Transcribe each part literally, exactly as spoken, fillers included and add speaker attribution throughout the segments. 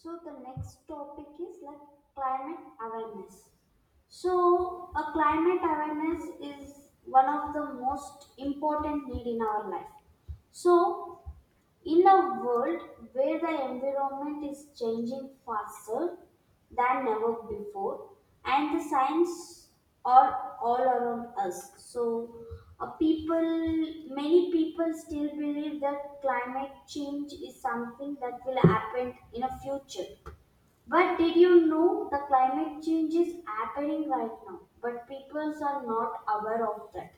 Speaker 1: So the next topic is like climate awareness. So a climate awareness is one of the most important need in our life. So in a world where the environment is changing faster than never before, and the science are all around us, so uh, people, many people still believe that climate change is something that will happen in a future. But did you know the climate change is happening right now? But people are not aware of that,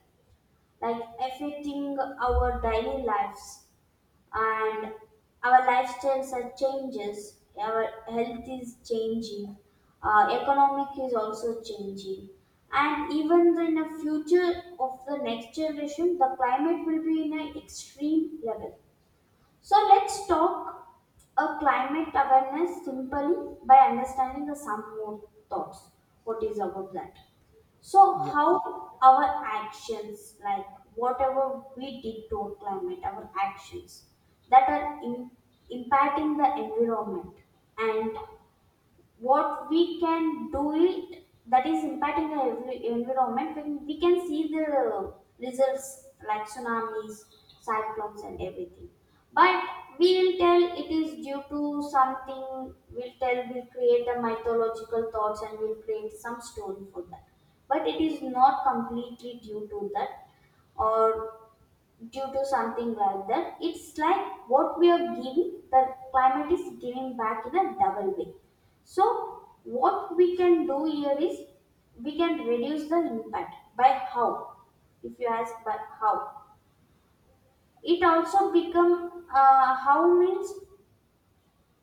Speaker 1: like affecting our daily lives and our lifestyles are changes our health is changing uh, economic is also changing, and even in the future of the next generation the climate will be in an extreme level. So let's talk a climate awareness simply by understanding the some more thoughts what is about that. So
Speaker 2: yeah
Speaker 1: how our actions, like whatever we did to our climate, our actions that are im- impacting the environment, and what we can do it that is impacting the envi- environment when we can see the results like tsunamis, cyclones, and everything. But we will tell it is due to something, we'll tell we'll create a mythological thoughts and we'll create some story for that, but it is not completely due to that or due to something like that. It's like what we are giving, the climate is giving back in a double way. So, what we can do here is we can reduce the impact by how? If you ask by how, it also become uh, how means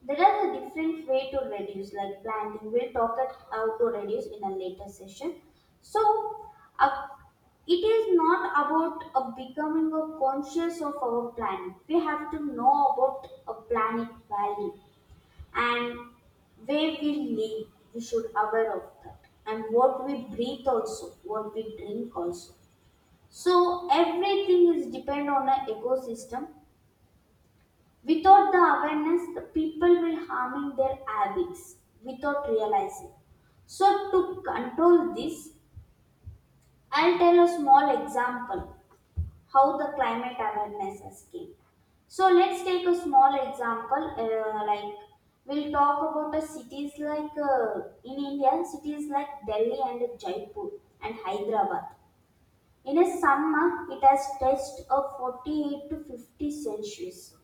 Speaker 1: there are a different way to reduce, like planting. We'll talk at how to reduce in a later session. So, uh, it is not about uh, becoming a conscious of our planet. We have to know about a planet value and where we live. We should aware of that, and what we breathe also, what we drink also. So everything is depend on an ecosystem. Without the awareness, the people will harming their habits without realizing. So to control this, I'll tell a small example how the climate awareness has came. So let's take a small example uh, like we'll talk about the cities like uh, in India cities like Delhi and Jaipur and Hyderabad. In a summer, it has touched a forty-eight to fifty Celsius.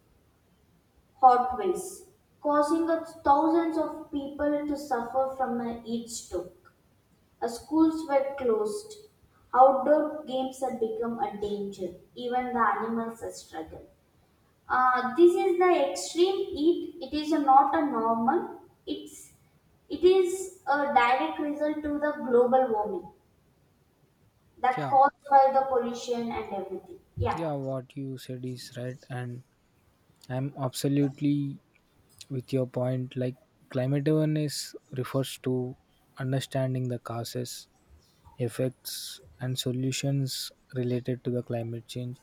Speaker 1: Hot waves, causing a- thousands of people to suffer from a heat stroke. Uh, Schools were closed. Outdoor games have become a danger. Even the animals are struggle. Uh, this is the extreme heat. It is not a normal. It's it is a direct result to the global warming that
Speaker 2: yeah
Speaker 1: caused by the pollution and everything. Yeah.
Speaker 2: yeah what you said is right, and I'm absolutely with your point. Like, climate awareness refers to understanding the causes, effects and solutions related to the climate change.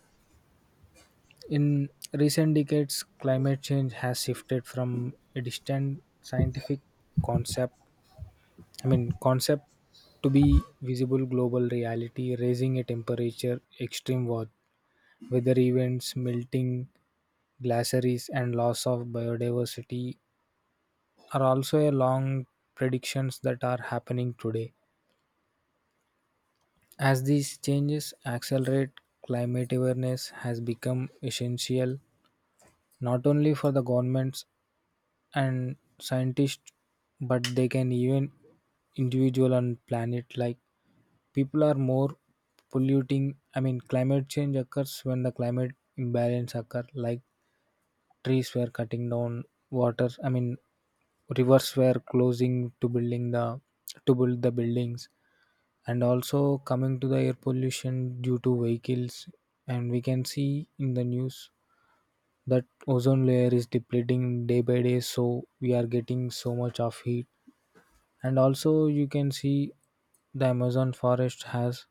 Speaker 2: In recent decades climate change has shifted from a distant scientific concept, i mean concept, to be visible global reality, raising a temperature, extreme weather weather events, melting glaciers and loss of biodiversity are also a long predictions that are happening today. As these changes accelerate, climate awareness has become essential not only for the governments and scientists, but they can even individual on planet. Like, people are more polluting. I mean climate change occurs when the climate imbalance occur, like trees were cutting down, water I mean rivers were closing to building the to build the buildings, and also coming to the air pollution due to vehicles. And we can see in the news that ozone layer is depleting day by day, so we are getting so much of heat. And also you can see the Amazon forest has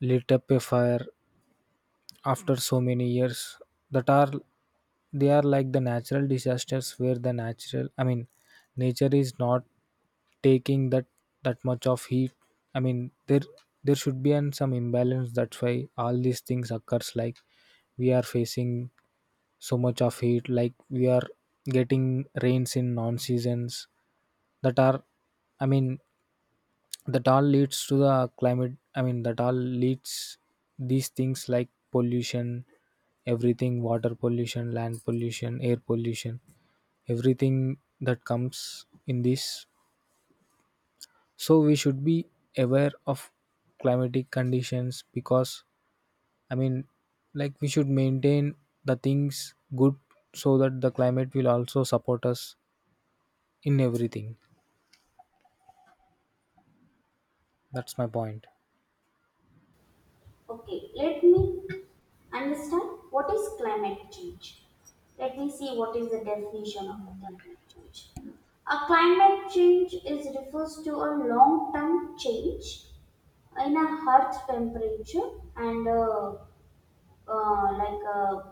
Speaker 2: lit up a fire after so many years. That are They are like the natural disasters where the natural I mean nature is not taking that that much of heat. I mean there there should be an some imbalance. That's why all these things occurs. Like, we are facing so much of heat, like we are getting rains in non seasons. That are I mean that all leads to the climate i mean that all leads these things like pollution, everything, water pollution, land pollution, air pollution, everything that comes in this. So we should be aware of climatic conditions, because, i mean like, we should maintain the things good, so that the climate will also support us in everything. That's my point.
Speaker 1: Okay, let me understand what is climate change. Let me see what is the definition of a climate change. A climate change is refers to a long-term change in a Earth temperature and uh, uh, like uh,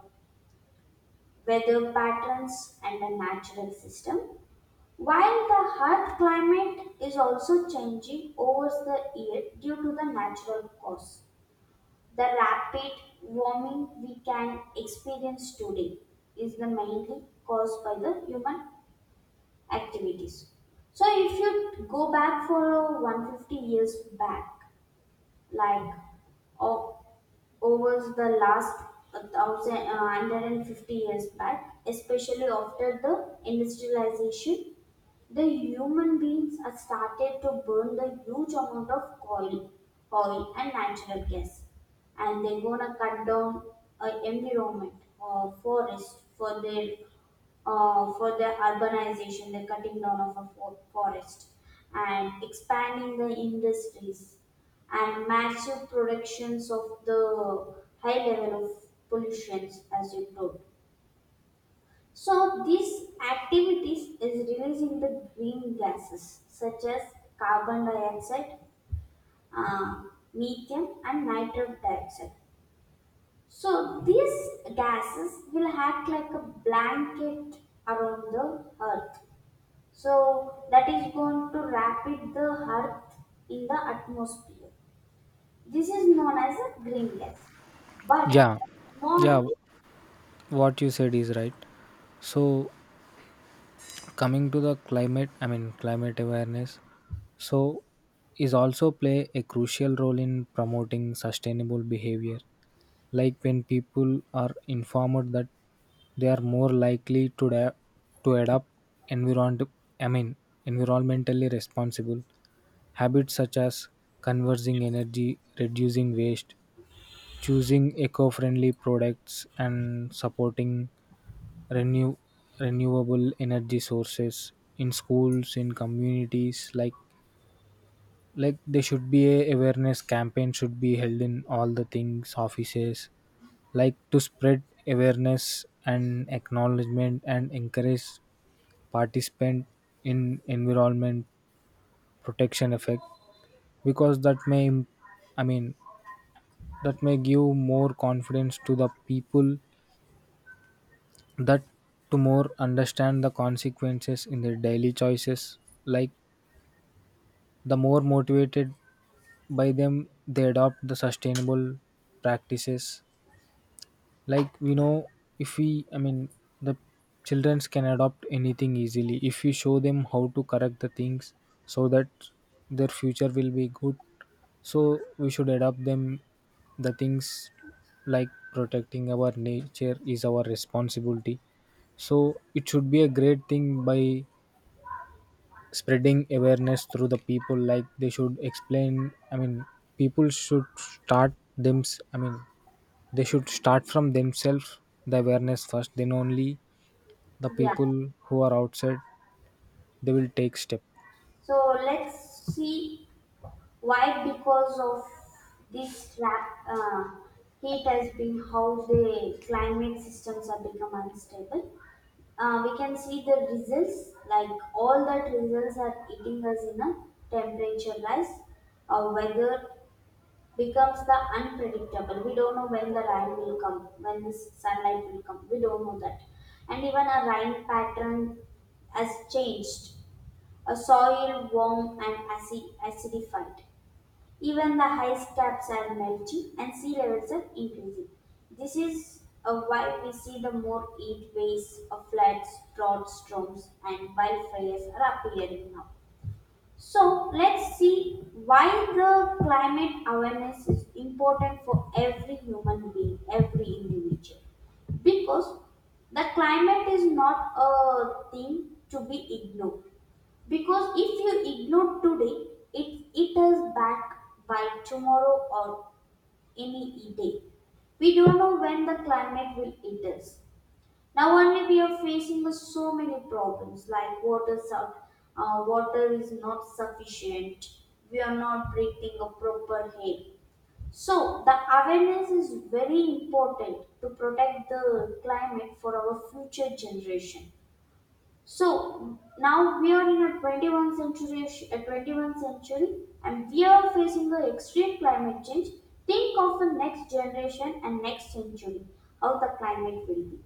Speaker 1: weather patterns and a natural system. While the Earth climate is also changing over the year due to the natural cause. The rapid warming we can experience today is the mainly caused by the human activities. So if you go back for one hundred fifty years back, like uh, over the last one thousand uh, one hundred fifty years back, especially after the industrialization, the human beings are started to burn the huge amount of oil, oil and natural gas, and they're gonna cut down uh, environment or forest for their uh, for the urbanization, the cutting down of a fo- forest, and expanding the industries, and massive productions of the high level of pollutions, as you told. So these activities is releasing the green gases such as carbon dioxide, uh, methane, and nitrous dioxide. So these gases will act like a blanket around the earth. So that is going to rapid the earth in the atmosphere. This is known as a green gas. But
Speaker 2: Yeah yeah
Speaker 1: more
Speaker 2: what you said is right. So coming to the climate I mean climate awareness, so is also play a crucial role in promoting sustainable behavior. Like, when people are informed, that they are more likely to da- to adopt environment i mean environmentally responsible habits, such as conserving energy, reducing waste, choosing eco-friendly products, and supporting renew, renewable energy sources in schools, in communities. like like there should be a awareness campaign should be held in all the things, offices, like to spread awareness and acknowledgement and encourage participant in environment protection effect. Because that may im- I mean that may give more confidence to the people, that to more understand the consequences in their daily choices. Like, the more motivated by them, they adopt the sustainable practices. Like, we know, if we I mean the childrens can adopt anything easily if we show them how to correct the things, so that their future will be good. So we should adopt them the things, like protecting our nature is our responsibility. So it should be a great thing by spreading awareness through the people. Like, they should explain I mean people should start them I mean they should start from themselves, the awareness first, then only the
Speaker 1: yeah.
Speaker 2: people who are outside, they will take step.
Speaker 1: So let's see why because of this rap, uh, heat has been how the climate systems have become unstable. Uh, we can see the results like all that results are eating us in a temperature rise or weather becomes the unpredictable. We don't know when the rain will come, when the sunlight will come. We don't know that. And even a rain pattern has changed. A soil warm and acid, acidified. Even the ice caps are melting and sea levels are increasing. This is uh, why we see the more heat waves, uh, floods, drought storms, and wildfires are appearing now. So let's see why the climate awareness is important for every human being, every individual. Because the climate is not a thing to be ignored. Because if you ignore today, it it is back by tomorrow or any day. We don't know when the climate will hit us. Now only we are facing with so many problems like water sub, uh, water is not sufficient. We are not breathing a proper air. So the awareness is very important to protect the climate for our future generation. So now we are in a twenty-first century, a twenty-first century, and we are facing the extreme climate change. Think of the next generation and next century, how the climate will be.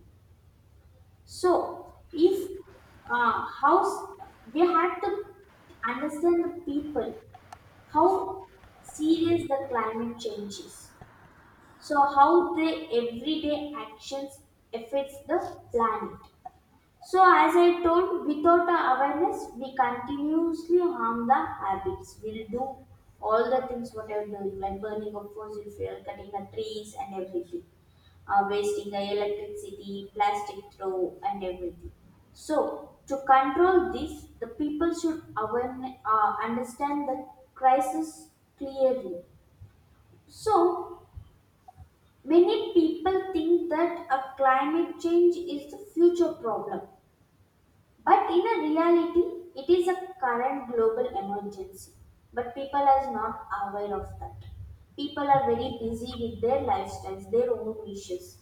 Speaker 1: So, if uh, how they had to understand the people how serious the climate change is. So, how their everyday actions affects the planet. So, as I told, without a awareness, we continuously harm the habits. We'll do all the things what I'm doing, like burning of fossil fuel, cutting the trees, and everything, uh, wasting the electricity, plastic throw, and everything. So, to control this, the people should awareness, uh, understand the crisis clearly. So, many people think that a climate change is the future problem but in a reality, it is a current global emergency. But people are not aware of that. People are very busy with their lifestyles, their own wishes.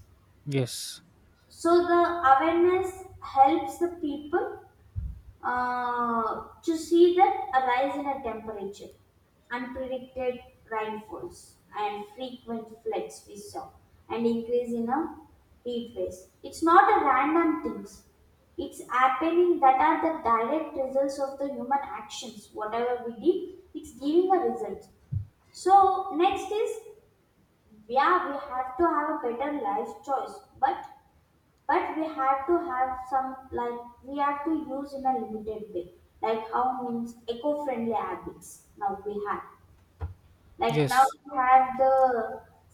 Speaker 2: Yes.
Speaker 1: So the awareness helps the people uh, to see that arise in a temperature, unpredicted rainfalls, and frequent floods we saw, and increase in a heat waves. It's not a random things. It's happening that are the direct results of the human actions. Whatever we did, it's giving a result. So next is, yeah, we have to have a better life choice, but but we have to have some like we have to use in a limited way, like how means eco-friendly habits now we have, like now
Speaker 2: Yes
Speaker 1: we have the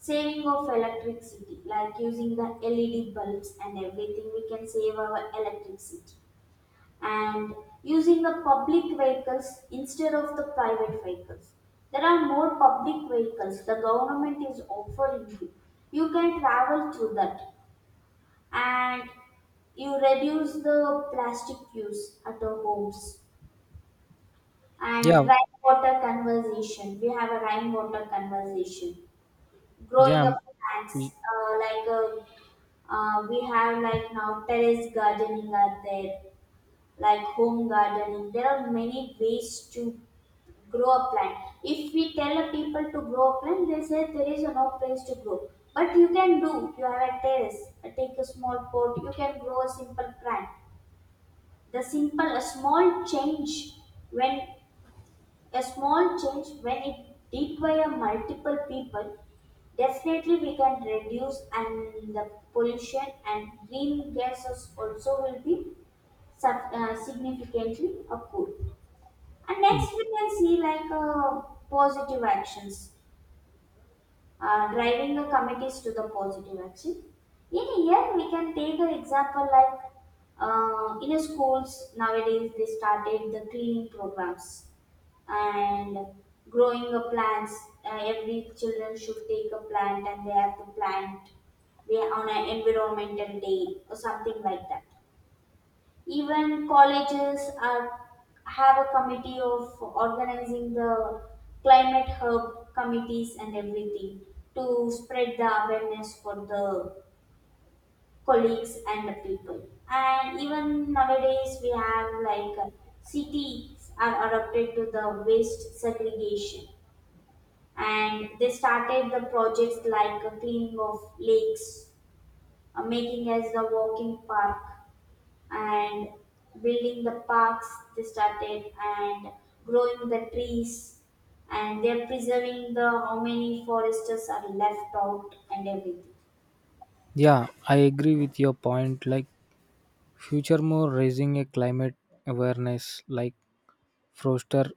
Speaker 1: saving of electricity like using the led bulbs and everything we can save our electricity, and using the public vehicles instead of the private vehicles. There are more public vehicles the government is offering you, you can travel through that. And you reduce the plastic use at our homes, and
Speaker 2: yeah
Speaker 1: rainwater conservation. We have a rainwater conservation.
Speaker 2: yeah
Speaker 1: Growing
Speaker 2: m-
Speaker 1: up
Speaker 2: y-
Speaker 1: plants, uh, like uh uh, we have like now terrace gardening are there, like home gardening. There are many ways to grow a plant. If we tell a people to grow a plant, they say there is no place to grow. But you can do. You have a terrace. uh, Take a small pot. You can grow a simple plant. The simple a small change when A small change when it require multiple people, definitely we can reduce and the pollution and green gases also will be sub, uh, significantly occurred. And
Speaker 2: y-
Speaker 1: next we can see like uh, positive actions, uh, driving the committees to the positive action. In here, we can take an example like uh, in a schools nowadays they started the cleaning programs and growing of plants. Uh, every children should take a plant and they have to plant we on an environmental day or something like that. Even colleges are have a committee of organizing the climate hub committees and everything to spread the awareness for the colleagues and the people. And even nowadays we have like uh, cities are adopted to the waste segregation, and they started the projects like uh, cleaning of lakes, uh, making as the walking park, and building the parks they started, and growing the trees, and they're preserving the how many foresters are left out and everything.
Speaker 2: yeah, I agree with your point. Like, future more raising a climate awareness, like froster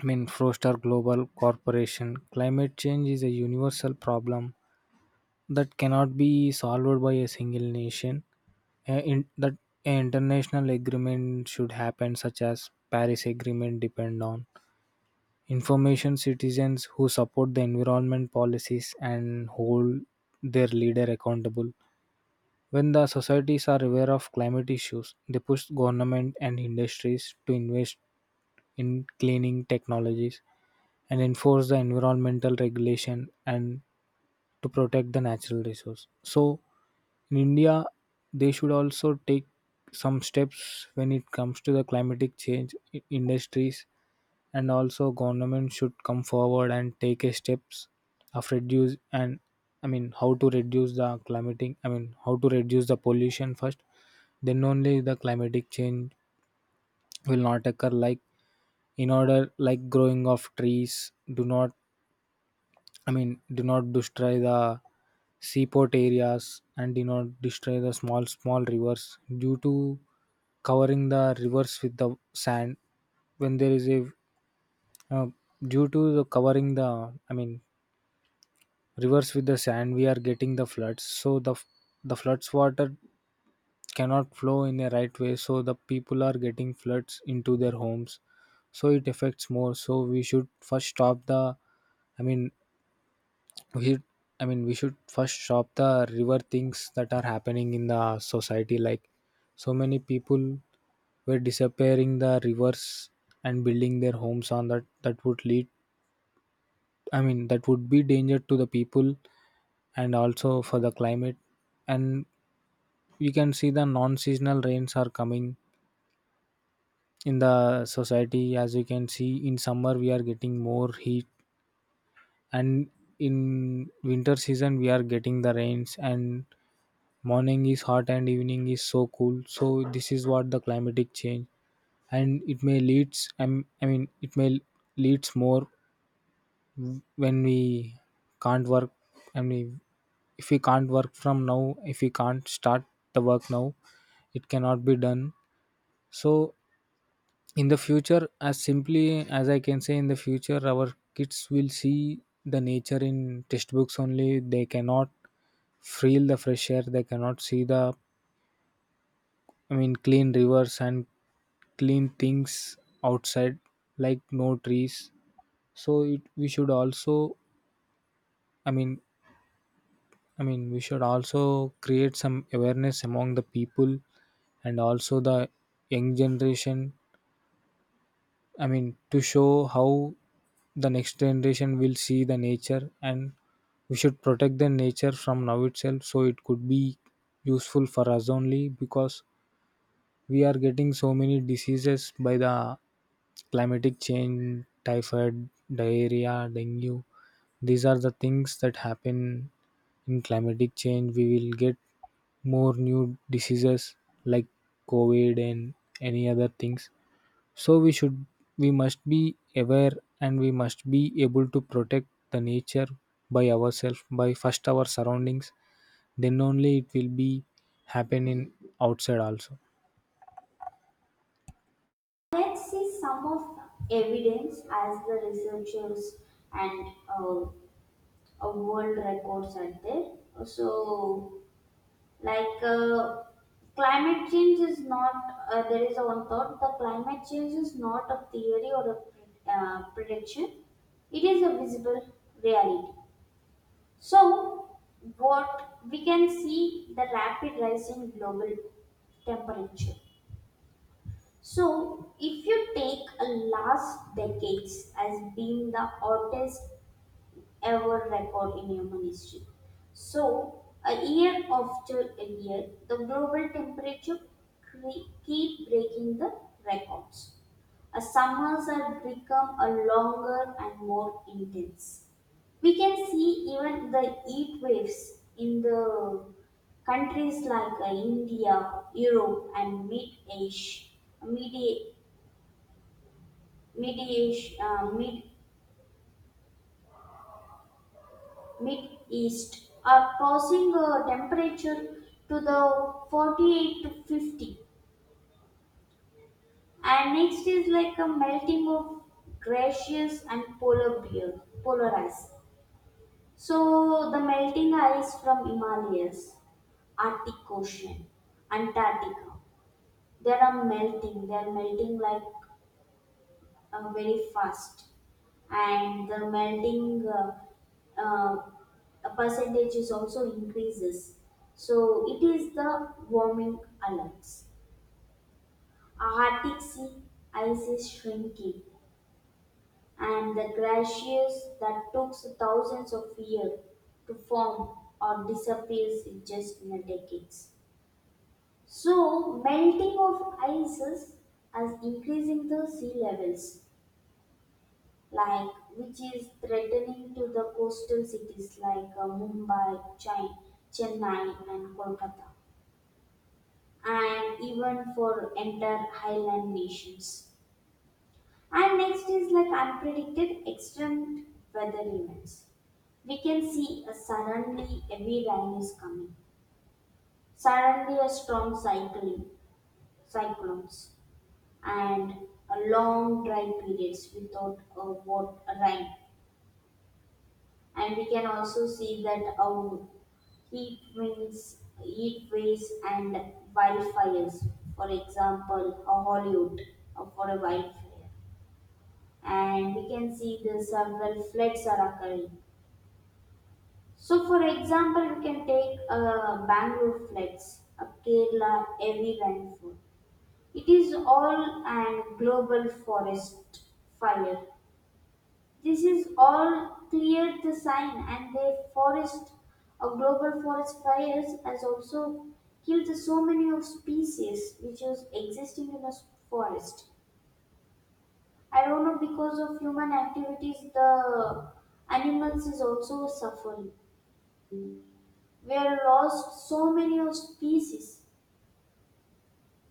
Speaker 2: I mean froster global corporation. Climate change is a universal problem that cannot be solved by a single nation. Uh, in, that an international agreement should happen, such as Paris Agreement, depend on information, citizens who support the environment policies and hold their leader accountable. When the societies are aware of climate issues, they push government and industries to invest in cleaning technologies, and enforce the environmental regulation, and to protect the natural resource. So in India, they should also take some steps when it comes to the climatic change, i- industries and also government should come forward and take a steps of reduce. And, i mean how to reduce the climatic I mean how to reduce the pollution first, then only the climatic change will not occur. Like, in order, like growing of trees, do not, I mean, do not destroy the seaport areas, and do not destroy the small, small rivers due to covering the rivers with the sand. When there is a, uh, due to the covering the, I mean, rivers with the sand, we are getting the floods. So the f- the floods water cannot flow in a right way, so the people are getting floods into their homes. So it affects more. So we should first stop the, I mean, we i mean we should first stop the river things that are happening in the society. Like, so many people were disappearing the rivers and building their homes on that. That would lead I mean that would be danger to the people, and also for the climate. And we can see the non-seasonal rains are coming in the society. As you can see, in summer we are getting more heat, and in winter season we are getting the rains, and morning is hot and evening is so cool. So this is what the climatic change. And it may leads um, I mean it may leads more. When we can't work, I mean, if we can't work from now, if we can't start the work now, it cannot be done. So in the future, as simply as I can say, in the future our kids will see the nature in textbooks only. They cannot feel the fresh air, they cannot see the, I mean, clean rivers and clean things outside, like no trees. So it, we should also, I mean, I mean, we should also create some awareness among the people, and also the young generation. I mean, to show how the next generation will see the nature, and we should protect the nature from now itself, so it could be useful for us only, because we are getting so many diseases by the climatic change: typhoid, diarrhea, dengue. These are the things that happen. In climatic change we will get more new diseases, like COVID and any other things. So we should, we must be aware, and we must be able to protect the nature by ourselves, by first our surroundings, then only it will be happen in outside also.
Speaker 1: Let's see some of the evidence as the researchers and uh, uh, world records are there. So like uh, climate change is not, uh, there is a one thought the climate change is not a theory or a uh, prediction, it is a visible reality. So what we can see, the rapid rise in global temperature. So if you take a last decades as being the hottest ever record in human history. So, a year after a year, the global temperature cre- keep breaking the records. A summers have become a longer and more intense. We can see even the heat waves in the countries like uh, India, Europe, and Mid Asia, Mid Asia, Mid East are passing a temperature to the forty-eight to fifty, and next is like a melting of glaciers and polar bear, polar ice. So the melting ice from Himalayas, Arctic Ocean, Antarctica, they are melting. They are melting like uh, very fast. And the melting uh, uh, percentage is also increases. So it is the warming alerts. A Arctic sea ice is shrinking, and the glaciers that took thousands of years to form or disappears in just in a decades. So melting of ices as increasing the sea levels like which is threatening to the coastal cities like uh, Mumbai, Chai- Chennai, and Kolkata, and even for entire highland nations. And next is like unpredicted extreme weather events we can see a suddenly heavy rain is coming, suddenly a strong cyclone, cyclones, and a long dry periods without a wat- rain, and we can also see that how heat winds, heat waves, and wildfires. For example, a Hollywood uh, for a wildfire, and we can see the several floods are occurring. So, for example, we can take uh, Bangalore floods, a Kerala heavy rainfall. It is all and global forest fire. This is all clear the sign, and the forest or global forest fires has also killed so many of species which was existing in the s- forest. I don't know because of human activities the animals is also suffering. We are lost so many of species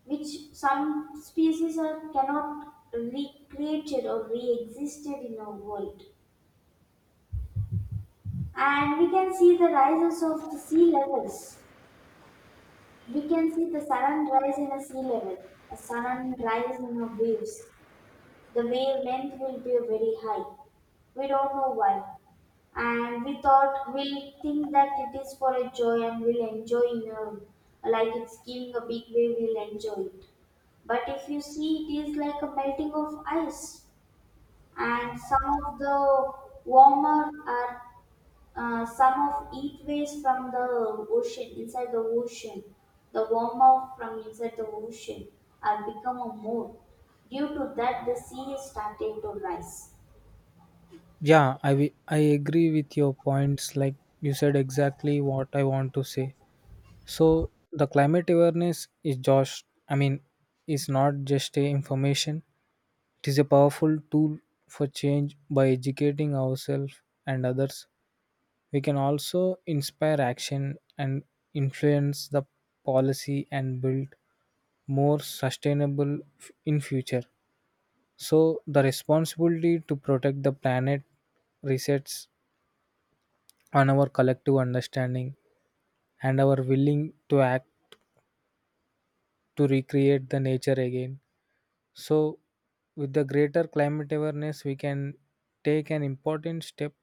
Speaker 1: which some species are cannot recreated or re-existed in our world. And we can see the rises of the sea levels. We can see the sudden rise in a sea level, a sudden rise in the waves. The wavelength will be very high. We don't know why. And we thought we'll think that it is for a joy and we'll enjoy in a, like it's giving a big wave, we'll enjoy it. But if you see, it is like a melting of ice and some of the warmer are uh, some of heat waves from the ocean inside the ocean the warmer from inside the ocean are become a mold due to that the sea is starting to rise.
Speaker 2: Yeah, I wi- I agree with your points. Like, you said exactly what I want to say. So the climate awareness is just I mean is not just a information. It is a powerful tool for change. By educating ourselves and others, we can also inspire action and influence the policy and build more sustainable f- in future. So the responsibility to protect the planet resets on our collective understanding and our willing to act to recreate the nature again. So with the greater climate awareness, we can take an important step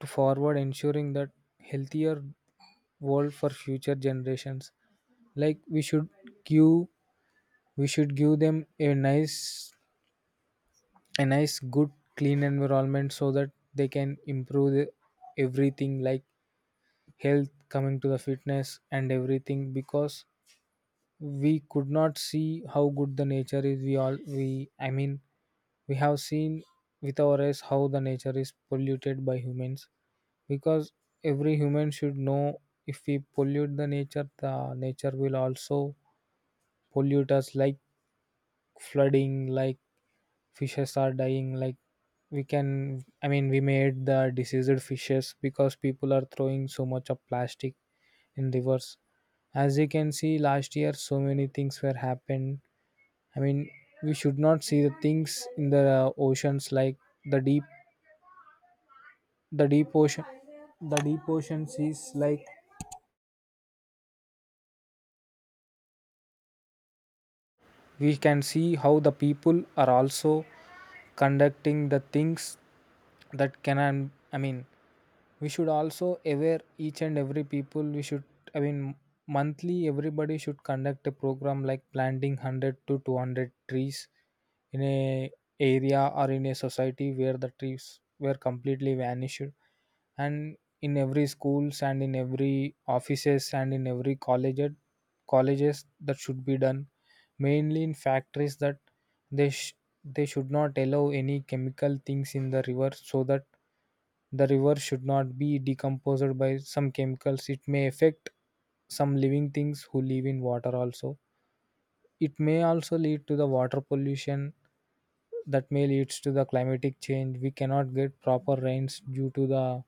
Speaker 2: to forward, ensuring that healthier world for future generations. Like, we should give, we should give them a nice, a nice good, clean environment, so that they can improve the- everything, like health, coming to the fitness and everything. Because we could not see how good the nature is. We all we I mean we have seen with our eyes how the nature is polluted by humans. Because every human should know, if we pollute the nature, the nature will also pollute us, like flooding, like fishes are dying. Like, we can I mean we made the diseased fishes, because people are throwing so much of plastic in rivers. As you can see, last year so many things were happened. I mean, we should not see the things in the uh, oceans, like the deep, the deep ocean, the deep ocean seas. Like, we can see how the people are also conducting the things that can. I mean, we should also aware each and every people. We should I mean monthly everybody should conduct a program like planting one hundred to two hundred trees in a area or in a society where the trees were completely vanished. And in every schools and in every offices and in every college colleges that should be done, mainly in factories. That they sh- they should not allow any chemical things in the river, so that the river should not be decomposed by some chemicals. It may affect some living things who live in water also. It may also lead to the water pollution, that may leads to the climatic change. We cannot get proper rains due to the,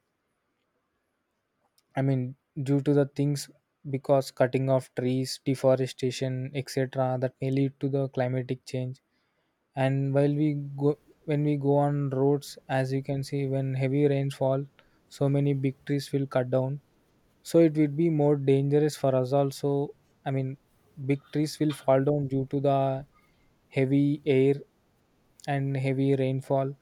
Speaker 2: I mean due to the things, because cutting of trees, deforestation, et cetera that may lead to the climatic change. And while we go When we go on roads, as you can see, when heavy rains fall, so many big trees will cut down. So it would be more dangerous for us also. I mean, big trees will fall down due to the heavy air and heavy rainfall.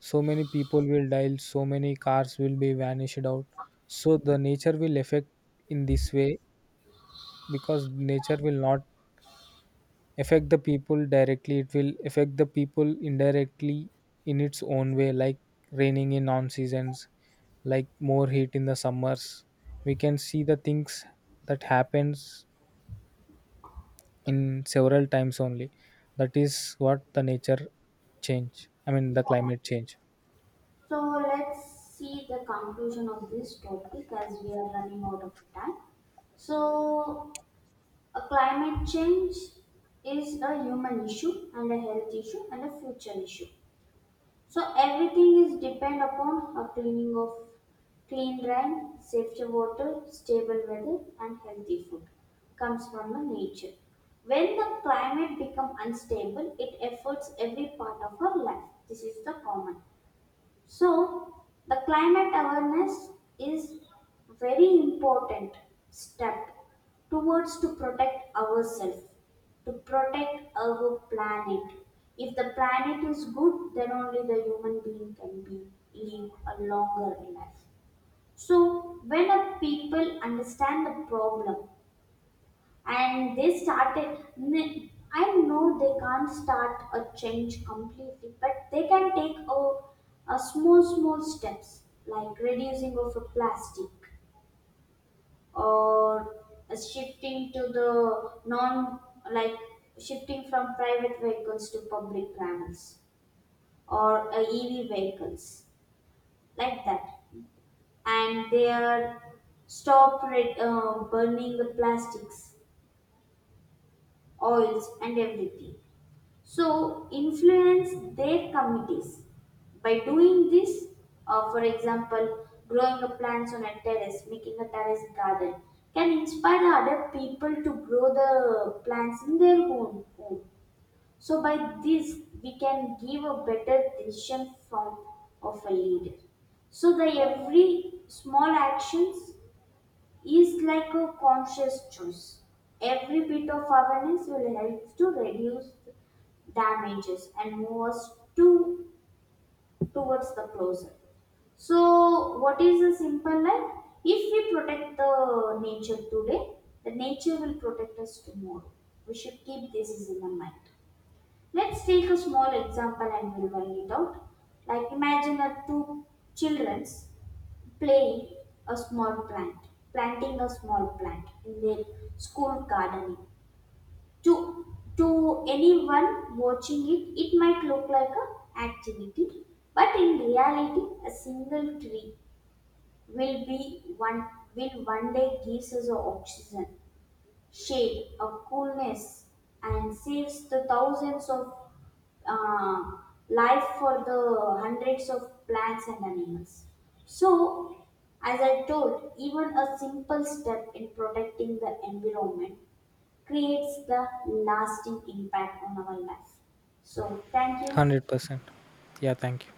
Speaker 2: So many people will die, so many cars will be vanished out. So the nature will affect in this way, because nature will not affect the people directly. It will affect the people indirectly in its own way, like raining in non seasons, like more heat in the summers. We can see the things that happens in several times only. That is what the nature change I mean the
Speaker 1: Yeah.
Speaker 2: climate change.
Speaker 1: So let's see the conclusion of this topic as we are running out of time. So, a climate change is a human issue and a health issue and a future issue. So everything is depend upon a cleaning of clean rain, safe water, stable weather, and healthy food comes from the nature. When the climate become unstable, it affects every part of our life. This is the common. So, the climate awareness is very important step towards to protect ourselves, to protect our planet. If the planet is good, then only the human being can be live a longer life. So, when a people understand the problem and they started n- I know they can't start a change completely but they can take a, a small small steps like reducing of a plastic or a shifting to the non like shifting from private vehicles to public trammels or uh, ev vehicles like that and they are stop red, uh, burning the plastics oils and everything so influence their committees by doing this uh, for example growing a plants on a terrace making a terrace garden can inspire other people to grow the plants in their own home so by this we can give a better decision from of a leader so the every small actions is like a conscious choice. Every bit of awareness will help to reduce damages and move us to towards the closer. So, what is the simple life? If we protect the nature today, the nature will protect us tomorrow. We should keep this is in the mind. Let's take a small example and we'll work it out. Like imagine a two children playing a small plant, planting a small plant in their school gardening. To to anyone watching it, it might look like a activity, but in reality, a single tree will be one will one day gives us a oxygen shade of coolness and saves the thousands of uh, life for the hundreds of plants and animals. So, as I told, even a simple step in protecting the environment creates the lasting impact on our life. So, thank you.
Speaker 2: one hundred percent yeah, thank you.